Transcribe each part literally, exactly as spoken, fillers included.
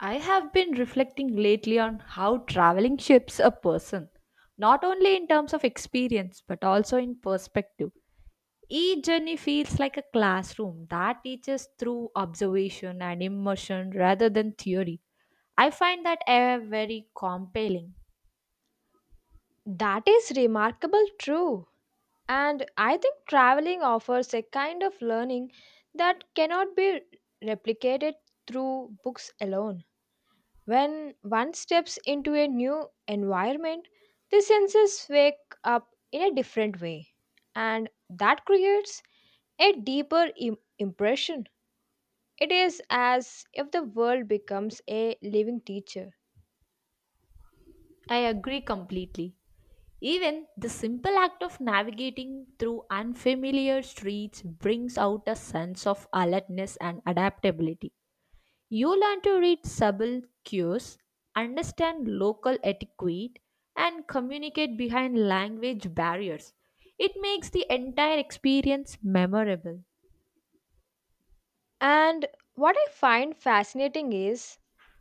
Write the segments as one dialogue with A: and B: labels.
A: I have been reflecting lately on how traveling shapes a person, not only in terms of experience but also in perspective. Each journey feels like a classroom that teaches through observation and immersion rather than theory. I find that air very compelling.
B: That is remarkable true. And I think traveling offers a kind of learning that cannot be replicated through books alone. When one steps into a new environment, the senses wake up in a different way, and that creates a deeper im- impression. It is as if the world becomes a living teacher.
A: I agree completely. Even the simple act of navigating through unfamiliar streets brings out a sense of alertness and adaptability. You learn to read subtle cues, understand local etiquette, and communicate behind language barriers. It makes the entire experience memorable.
B: And what I find fascinating is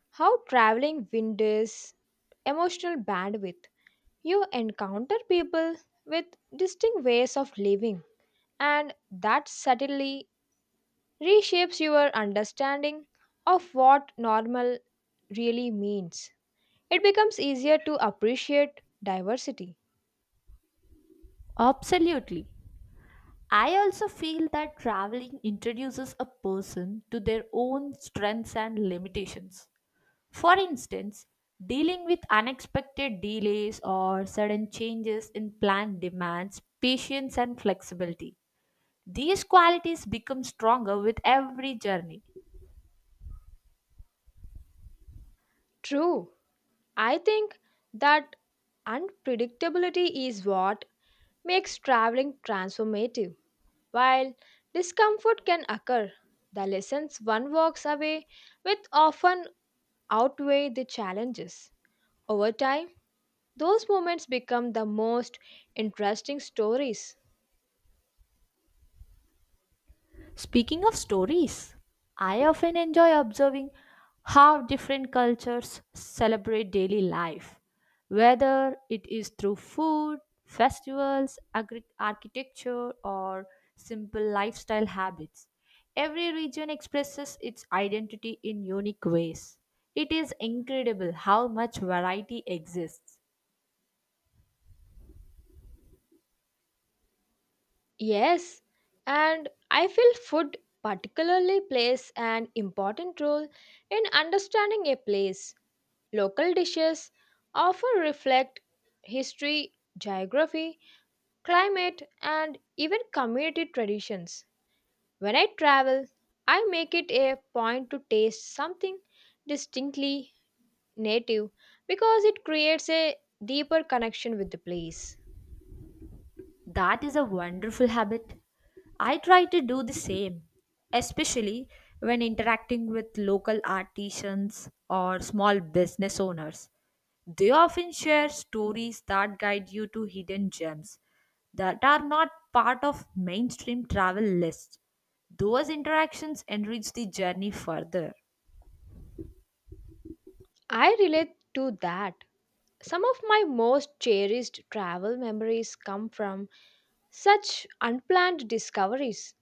B: how traveling windows emotional bandwidth. You encounter people with distinct ways of living, and that subtly reshapes your understanding of what normal really means. It becomes easier to appreciate diversity.
A: Absolutely. I also feel that traveling introduces a person to their own strengths and limitations. For instance, dealing with unexpected delays or sudden changes in planned demands, patience, and flexibility. These qualities become stronger with every journey.
B: True, I think that unpredictability is what makes traveling transformative. While discomfort can occur, the lessons one walks away with often outweigh the challenges. Over time, those moments become the most interesting stories.
A: Speaking of stories, I often enjoy observing how different cultures celebrate daily life, whether it is through food, festivals, agri- architecture, or simple lifestyle habits. Every region expresses its identity in unique ways. It is incredible how much variety exists.
B: Yes, and I feel food particularly plays an important role in understanding a place. Local dishes often reflect history, geography, climate, and even community traditions. When I travel, I make it a point to taste something distinctly native because it creates a deeper connection with the place.
A: That is a wonderful habit. I try to do the same, especially when interacting with local artisans or small business owners. They often share stories that guide you to hidden gems that are not part of mainstream travel lists. Those interactions enrich the journey further.
B: I relate to that. Some of my most cherished travel memories come from such unplanned discoveries.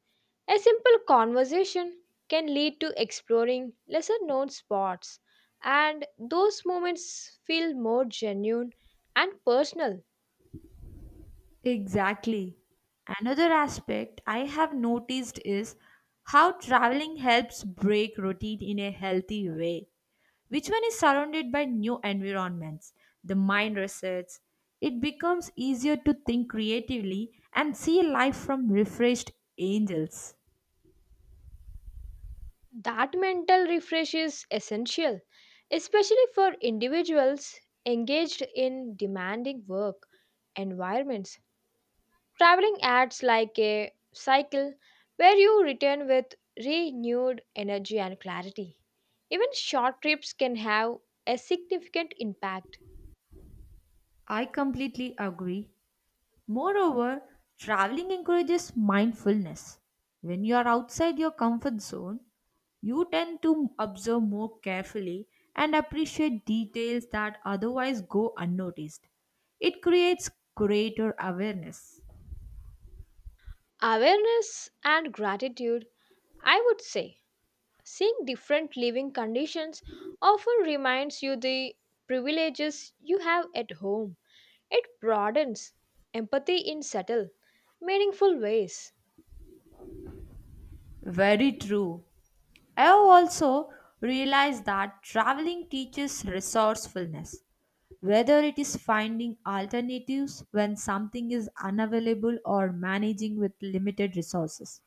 B: A simple conversation can lead to exploring lesser known spots, and those moments feel more genuine and personal.
A: Exactly. Another aspect I have noticed is how traveling helps break routine in a healthy way. Which one is surrounded by new environments? The mind resets. It becomes easier to think creatively and see life from refreshed angels.
B: That mental refresh is essential, especially for individuals engaged in demanding work environments. Traveling acts like a cycle where you return with renewed energy and clarity. Even short trips can have a significant impact.
A: I completely agree. Moreover, traveling encourages mindfulness. When you are outside your comfort zone, you tend to observe more carefully and appreciate details that otherwise go unnoticed. It creates greater awareness.
B: Awareness and gratitude, I would say, seeing different living conditions often reminds you the privileges you have at home. It broadens empathy in subtle, meaningful ways.
A: Very true. I have also realized that traveling teaches resourcefulness. Whether it is finding alternatives when something is unavailable or managing with limited resources.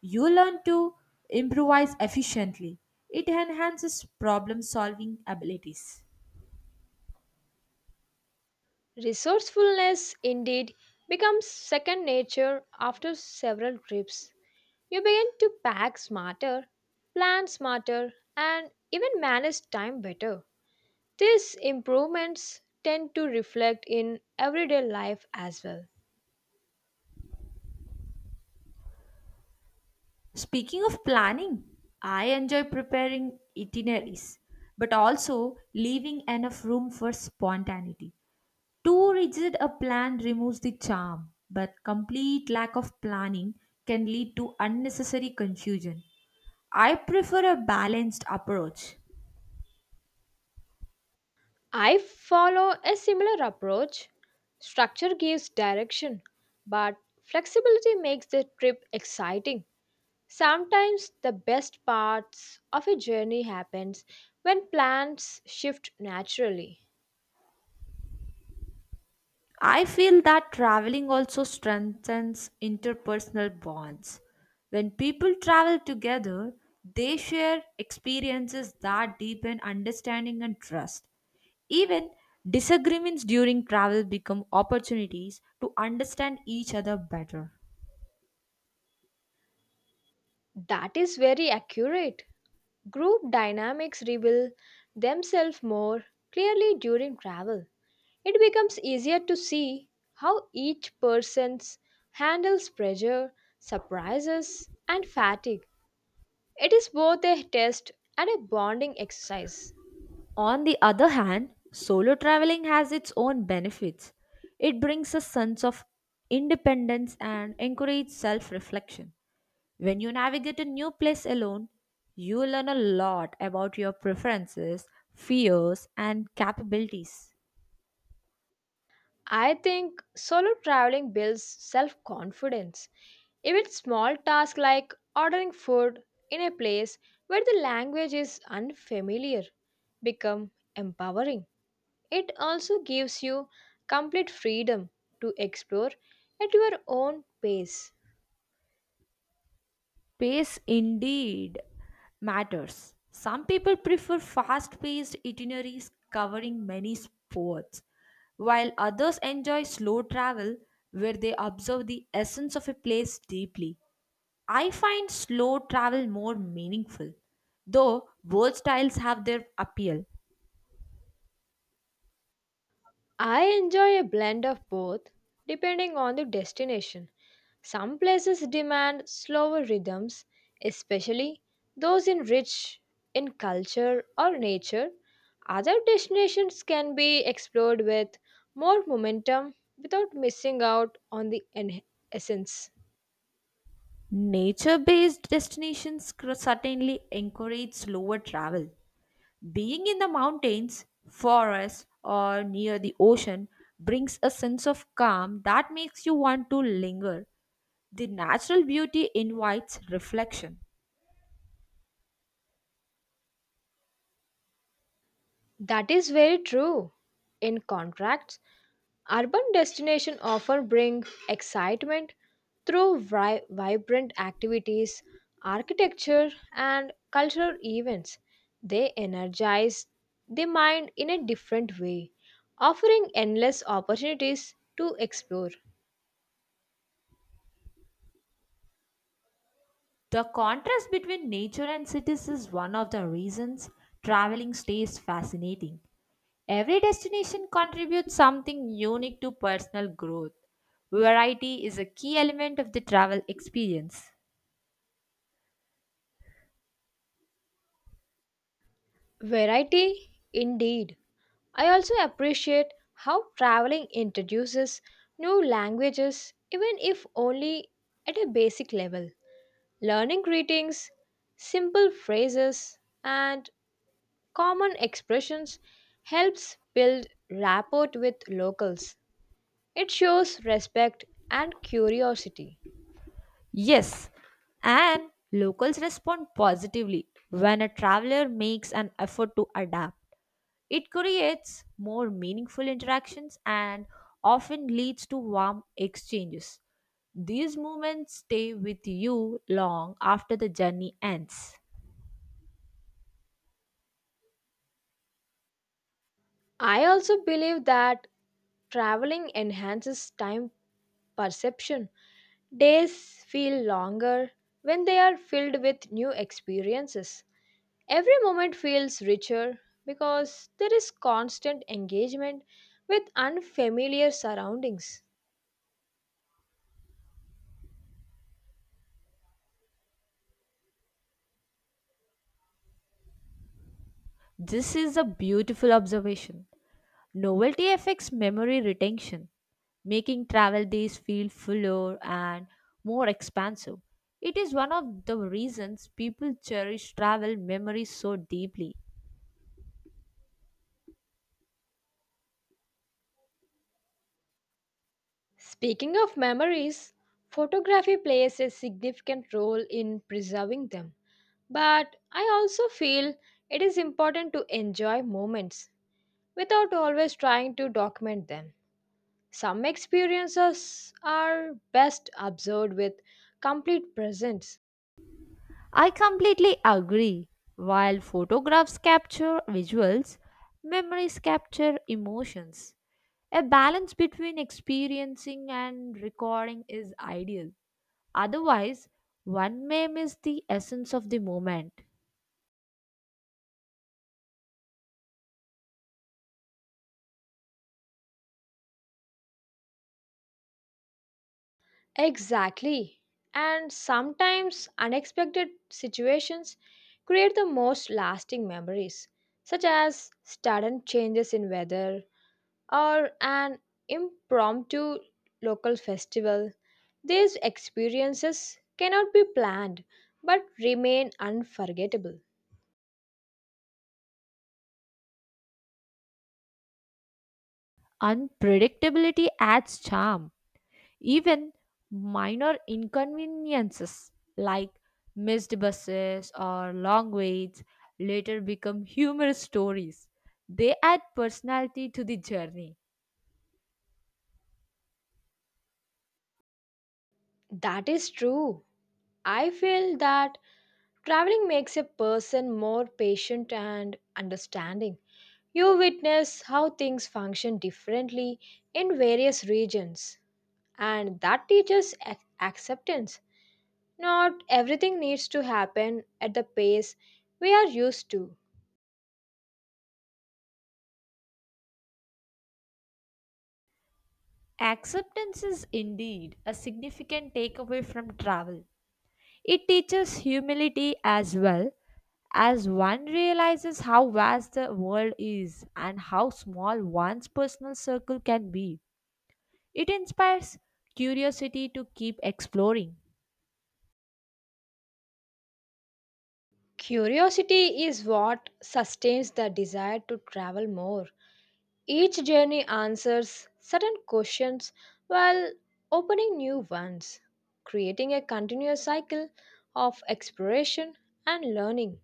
A: You learn to improvise efficiently. It enhances problem solving abilities.
B: Resourcefulness indeed becomes second nature after several trips. You begin to pack smarter, plan smarter, and even manage time better. These improvements tend to reflect in everyday life as well.
A: Speaking of planning, I enjoy preparing itineraries, but also leaving enough room for spontaneity. Too rigid a plan removes the charm, but complete lack of planning can lead to unnecessary confusion. I prefer a balanced approach.
B: I follow a similar approach. Structure gives direction, but flexibility makes the trip exciting. Sometimes the best parts of a journey happens when plans shift naturally.
A: I feel that traveling also strengthens interpersonal bonds. When people travel together, they share experiences that deepen understanding and trust. Even disagreements during travel become opportunities to understand each other better.
B: That is very accurate. Group dynamics reveal themselves more clearly during travel. It becomes easier to see how each person handles pressure, surprises, and fatigue. It is both a test and a bonding exercise.
A: On the other hand, solo traveling has its own benefits. It brings a sense of independence and encourages self reflection. When you navigate a new place alone, you learn a lot about your preferences, fears, and capabilities.
B: I think solo traveling builds self confidence. Even small tasks like ordering food in a place where the language is unfamiliar become empowering. It also gives you complete freedom to explore at your own pace.
A: Pace indeed matters. Some people prefer fast paced itineraries covering many sports, while others enjoy slow travel where they observe the essence of a place deeply. I find slow travel more meaningful, though both styles have their appeal.
B: I enjoy a blend of both depending on the destination. Some places demand slower rhythms, especially those in rich in culture or nature. Other destinations can be explored with more momentum without missing out on the en- essence.
A: Nature based destinations cr- certainly encourage slower travel. Being in the mountains, forests, or near the ocean brings a sense of calm that makes you want to linger. The natural beauty invites reflection.
B: That is very true. In contrast, urban destinations often bring excitement through vi- vibrant activities, architecture, and cultural events. They energize the mind in a different way, offering endless opportunities to explore.
A: The contrast between nature and cities is one of the reasons traveling stays fascinating. Every destination contributes something unique to personal growth. Variety is a key element of the travel experience.
B: Variety, indeed. I also appreciate how traveling introduces new languages, even if only at a basic level. Learning greetings, simple phrases, and common expressions helps build rapport with locals. It shows respect and curiosity.
A: Yes, and locals respond positively when a traveler makes an effort to adapt. It creates more meaningful interactions and often leads to warm exchanges. These moments stay with you long after the journey ends.
B: I also believe that traveling enhances time perception. Days feel longer when they are filled with new experiences. Every moment feels richer because there is constant engagement with unfamiliar surroundings.
A: This is a beautiful observation. Novelty affects memory retention, making travel days feel fuller and more expansive. It is one of the reasons people cherish travel memories so deeply.
B: Speaking of memories, photography plays a significant role in preserving them. But I also feel it is important to enjoy moments without always trying to document them. Some experiences are best observed with complete presence.
A: I completely agree. While photographs capture visuals, memories capture emotions. A balance between experiencing and recording is ideal. Otherwise, one may miss the essence of the moment.
B: Exactly. And sometimes unexpected situations create the most lasting memories, such as sudden changes in weather, or an impromptu local festival. These experiences cannot be planned but remain unforgettable.
A: Unpredictability adds charm. Even minor inconveniences like missed buses or long waits later become humorous stories. They add personality to the journey.
B: That is true. I feel that traveling makes a person more patient and understanding. You witness how things function differently in various regions, and that teaches ac- acceptance. Not everything needs to happen at the pace we are used to.
A: Acceptance is indeed a significant takeaway from travel. It teaches humility as well as one realizes how vast the world is and how small one's personal circle can be. It inspires curiosity to keep exploring.
B: Curiosity is what sustains the desire to travel more. Each journey answers certain questions while opening new ones, creating a continuous cycle of exploration and learning.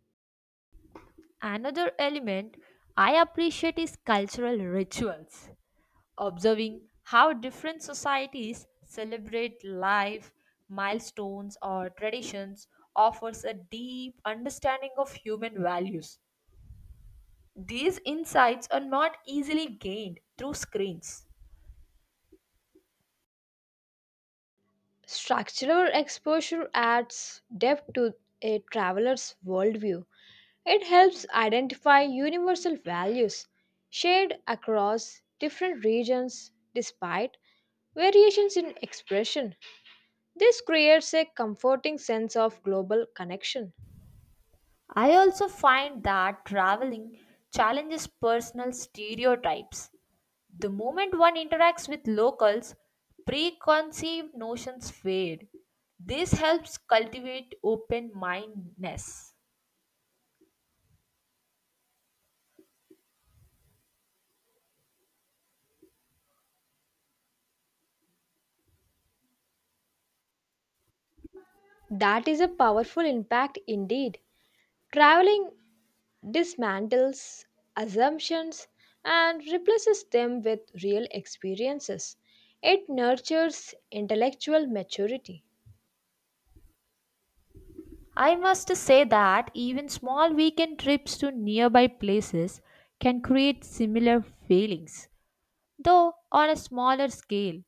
A: Another element I appreciate is cultural rituals. Observing how different societies celebrate life, milestones, or traditions offers a deep understanding of human values. These insights are not easily gained through screens.
B: Structural exposure adds depth to a traveler's worldview. It helps identify universal values shared across different regions despite variations in expression. This creates a comforting sense of global connection.
A: I also find that traveling challenges personal stereotypes. The moment one interacts with locals, preconceived notions fade. This helps cultivate open mindedness.
B: That is a powerful impact indeed. Traveling dismantles assumptions and replaces them with real experiences. It nurtures intellectual maturity.
A: I must say that even small weekend trips to nearby places can create similar feelings, though on a smaller scale.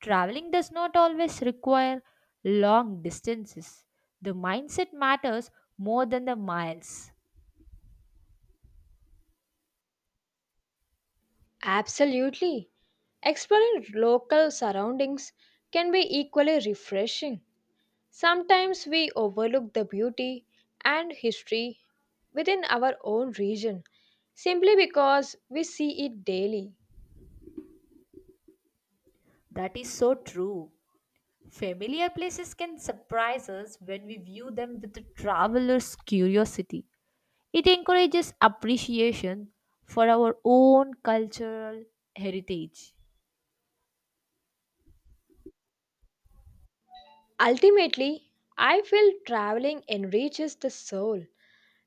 A: Traveling does not always require long distances. The mindset matters more than the miles.
B: Absolutely. Exploring local surroundings can be equally refreshing. Sometimes we overlook the beauty and history within our own region simply because we see it daily.
A: That is so true. Familiar places can surprise us when we view them with a traveler's curiosity. It encourages appreciation for our own cultural heritage.
B: Ultimately, I feel traveling enriches the soul.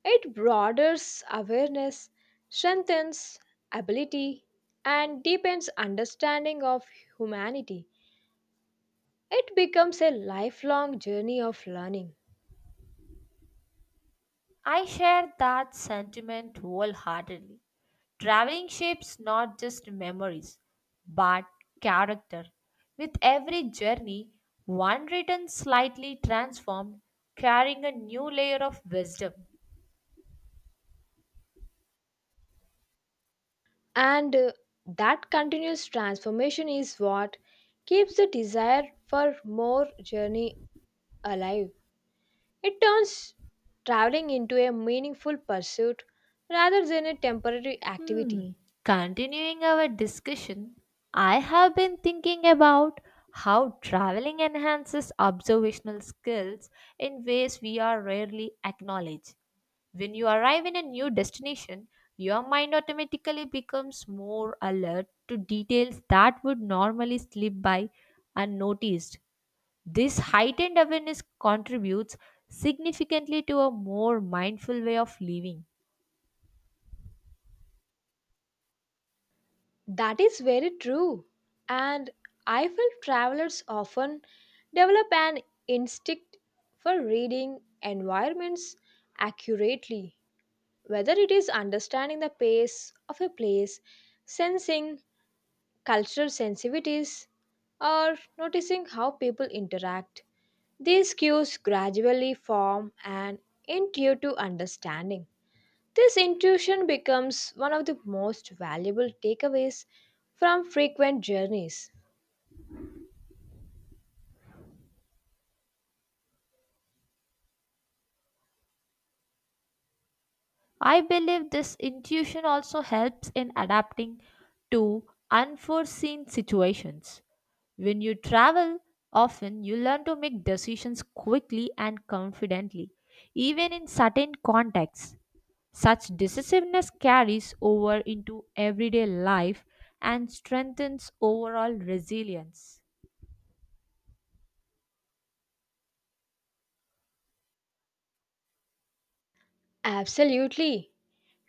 B: It broadens awareness, strengthens ability, and deepens understanding of humanity. It becomes a lifelong journey of learning.
A: I share that sentiment wholeheartedly. Traveling shapes not just memories, but character. With every journey, one returns slightly transformed, carrying a new layer of wisdom.
B: And uh, That continuous transformation is what keeps the desire for more journey alive. It turns traveling into a meaningful pursuit rather than a temporary
A: Hmm.
B: activity.
A: Continuing our discussion, I have been thinking about how traveling enhances observational skills in ways we are rarely acknowledge. When you arrive in a new destination, your mind automatically becomes more alert to details that would normally slip by unnoticed. This heightened awareness contributes significantly to a more mindful way of living.
B: That is very true. And I feel travelers often develop an instinct for reading environments accurately, whether it is understanding the pace of a place, sensing cultural sensitivities, or noticing how people interact. These cues gradually form an intuitive understanding. This intuition becomes one of the most valuable takeaways from frequent journeys.
A: I believe this intuition also helps in adapting to unforeseen situations. When you travel often, you learn to make decisions quickly and confidently, even in certain contexts. Such decisiveness carries over into everyday life and strengthens overall resilience.
B: Absolutely.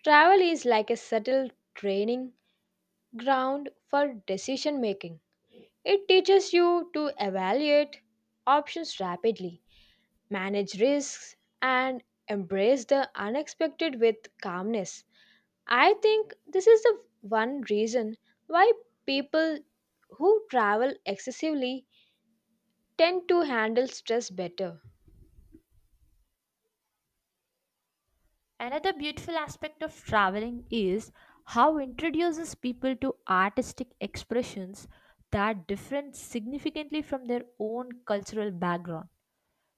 B: Travel is like a subtle training ground for decision making. It teaches you to evaluate options rapidly manage risks, and embrace the unexpected with calmness. I think this is the one reason why people who travel excessively tend to handle stress better.
A: Another beautiful aspect of traveling is how introduces people to artistic expressions that differ significantly from their own cultural background.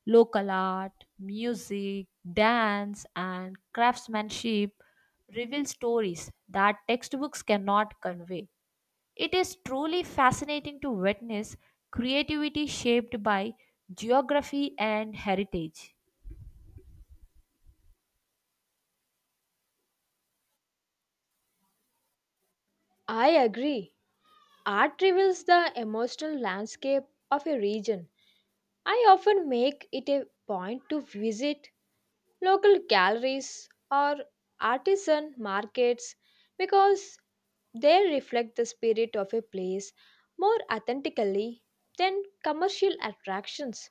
A: Local art, music, dance, and craftsmanship reveal stories that textbooks cannot convey. It is truly fascinating to witness creativity shaped by geography and heritage.
B: I agree. Art reveals the emotional landscape of a region. I often make it a point to visit local galleries or artisan markets because they reflect the spirit of a place more authentically than commercial attractions.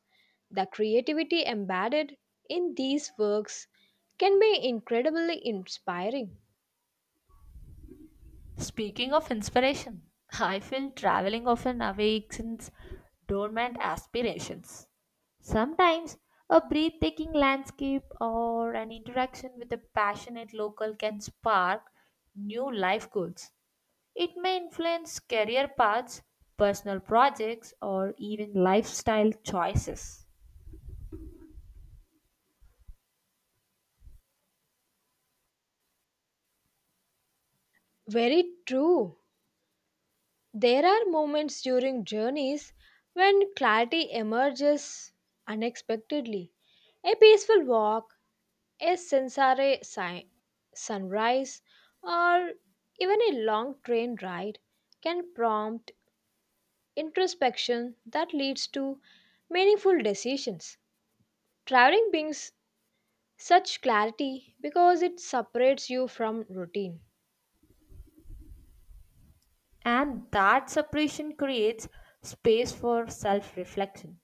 B: The creativity embedded in these works can be incredibly inspiring.
A: Speaking of inspiration, I feel traveling often awakens dormant aspirations. Sometimes a breathtaking landscape or an interaction with a passionate local can spark new life goals. It may influence career paths, personal projects, or even lifestyle choices.
B: Very true. There are moments during journeys when clarity emerges unexpectedly. A peaceful walk, a sensare si- sunrise, or even a long train ride can prompt introspection that leads to meaningful decisions. Traveling brings such clarity because it separates you from routine.
A: And that separation creates space for self reflection.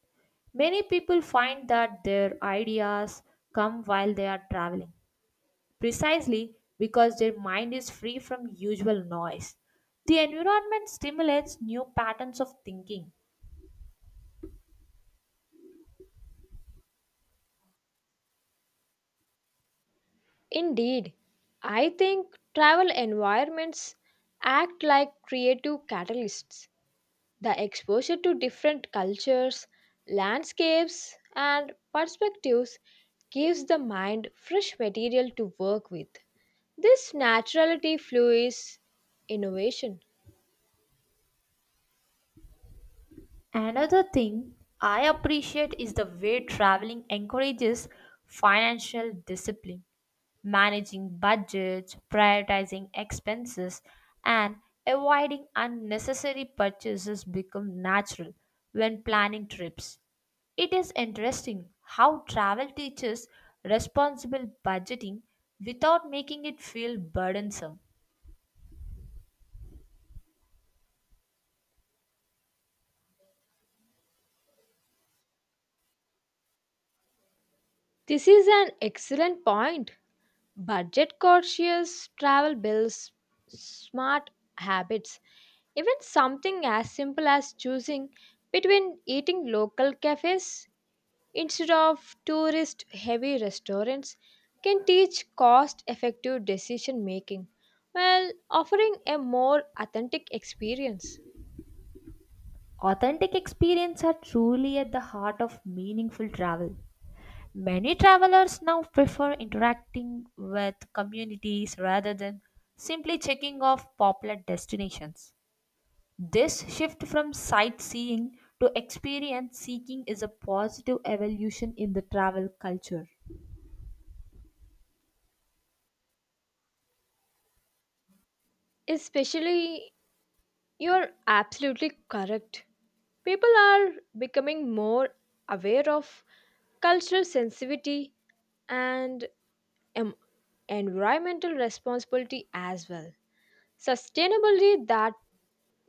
A: Many people find that their ideas come while they are traveling, precisely because their mind is free from usual noise. The environment stimulates new patterns of thinking.
B: Indeed, I think travel environments act like creative catalysts. The exposure to different cultures, landscapes, and perspectives gives the mind fresh material to work with. This naturality fuels innovation.
A: Another thing I appreciate is the way traveling encourages financial discipline. Managing budgets, prioritizing expenses, and avoiding unnecessary purchases become natural when planning trips. It is interesting how travel teaches responsible budgeting without making it feel burdensome.
B: This is an excellent point. Budget cautious travel bills, smart habits, even something as simple as choosing between eating local cafes instead of tourist heavy restaurants can teach cost effective decision making while offering a more authentic experience.
A: Authentic experiences are truly at the heart of meaningful travel. Many travelers now prefer interacting with communities rather than simply checking off popular destinations. This shift from sightseeing to experience seeking is a positive evolution in the travel culture.
B: Especially, you're absolutely correct. People are becoming more aware of cultural sensitivity, and em- environmental responsibility as well. Sustainability that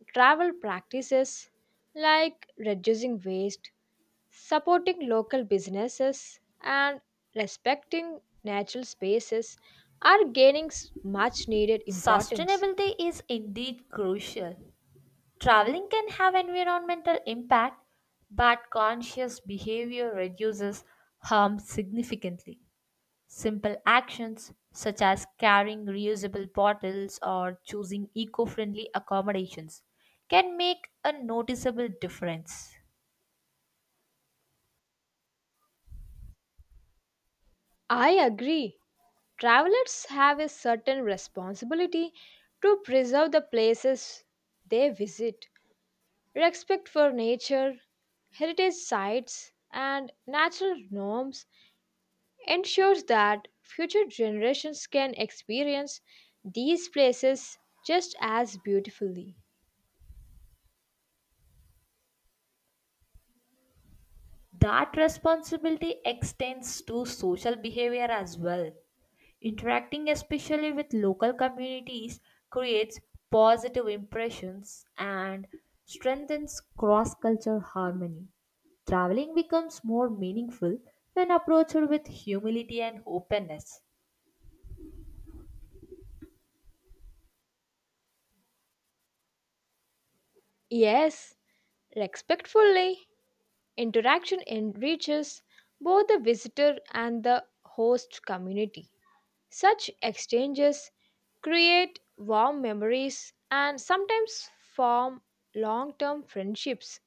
B: travel practices like reducing waste, supporting local businesses, and respecting natural spaces are gaining much needed importance.
A: Sustainability is indeed crucial. Traveling can have environmental impact, but conscious behavior reduces harm significantly. Simple actions such as carrying reusable bottles or choosing eco friendly accommodations can make a noticeable difference.
B: I agree. Travelers have a certain responsibility to preserve the places they visit. Respect for nature, heritage sites, and natural norms ensures that future generations can experience these places just as beautifully.
A: That responsibility extends to social behavior as well. Interacting especially with local communities creates positive impressions and strengthens cross cultural harmony. Traveling becomes more meaningful when approached with humility and openness.
B: Yes, respectfully, interaction enriches both the visitor and the host community. Such exchanges create warm memories and sometimes form long term friendships.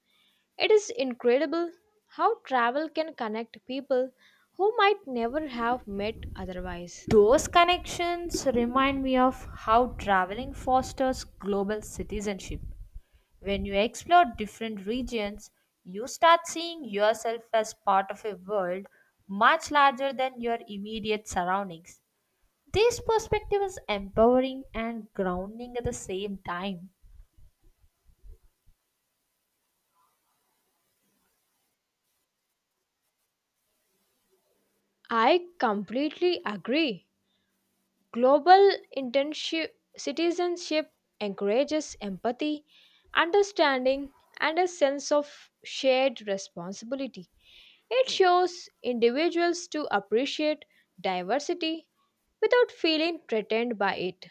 B: It is incredible how travel can connect people who might never have met otherwise.
A: Those connections remind me of how traveling fosters global citizenship. When you explore different regions, you start seeing yourself as part of a world much larger than your immediate surroundings. This perspective is empowering and grounding at the same time.
B: I completely agree. Global internship, citizenship encourages empathy, understanding, and a sense of shared responsibility. It shows individuals to appreciate diversity without feeling threatened by it.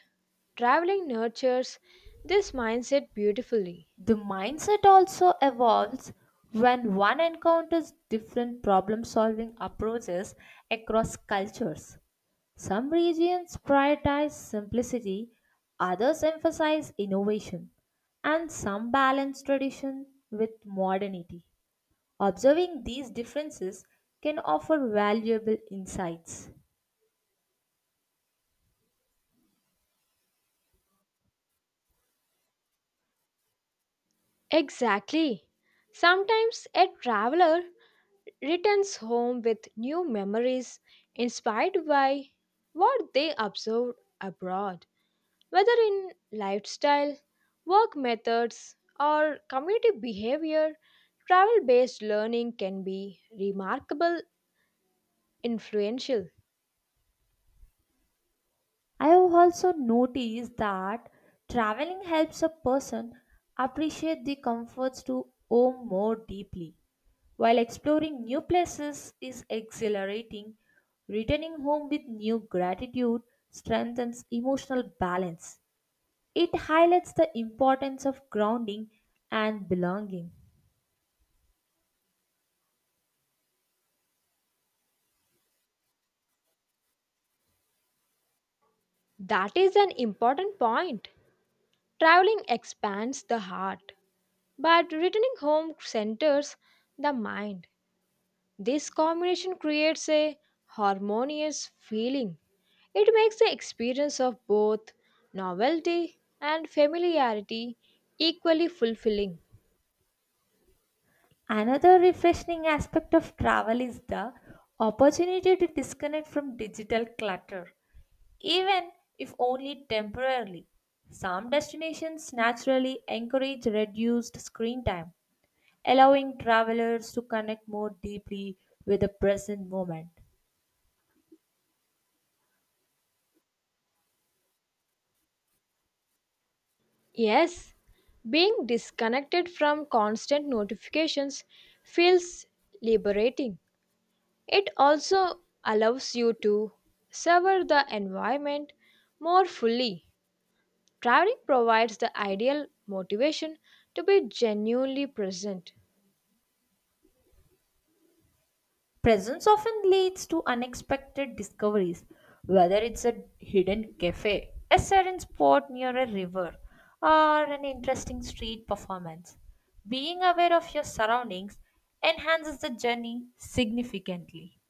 B: Traveling nurtures this mindset beautifully.
A: The mindset also evolves when one encounters different problem solving approaches across cultures. Some regions prioritize simplicity, others emphasize innovation, and some balance tradition with modernity. Observing these differences can offer valuable insights.
B: Exactly. Sometimes a traveler returns home with new memories inspired by what they observed abroad, whether in lifestyle, work methods, or community behavior. Travel based learning can be remarkable influential.
A: I have also noticed that traveling helps a person appreciate the comforts to home more deeply. While exploring new places is exhilarating, returning home with new gratitude strengthens emotional balance. It highlights the importance of grounding and belonging.
B: That is an important point. Traveling expands the heart, but returning home centers the mind. This combination creates a harmonious feeling. It makes the experience of both novelty and familiarity equally fulfilling.
A: Another refreshing aspect of travel is the opportunity to disconnect from digital clutter, even if only temporarily. Some destinations naturally encourage reduced screen time, allowing travelers to connect more deeply with the present moment.
B: Yes, being disconnected from constant notifications feels liberating. It also allows you to savor the environment more fully. Traveling provides the ideal motivation to be genuinely present.
A: Presence often leads to unexpected discoveries, whether it's a hidden cafe, a serene spot near a river, or an interesting street performance. Being aware of your surroundings enhances the journey significantly.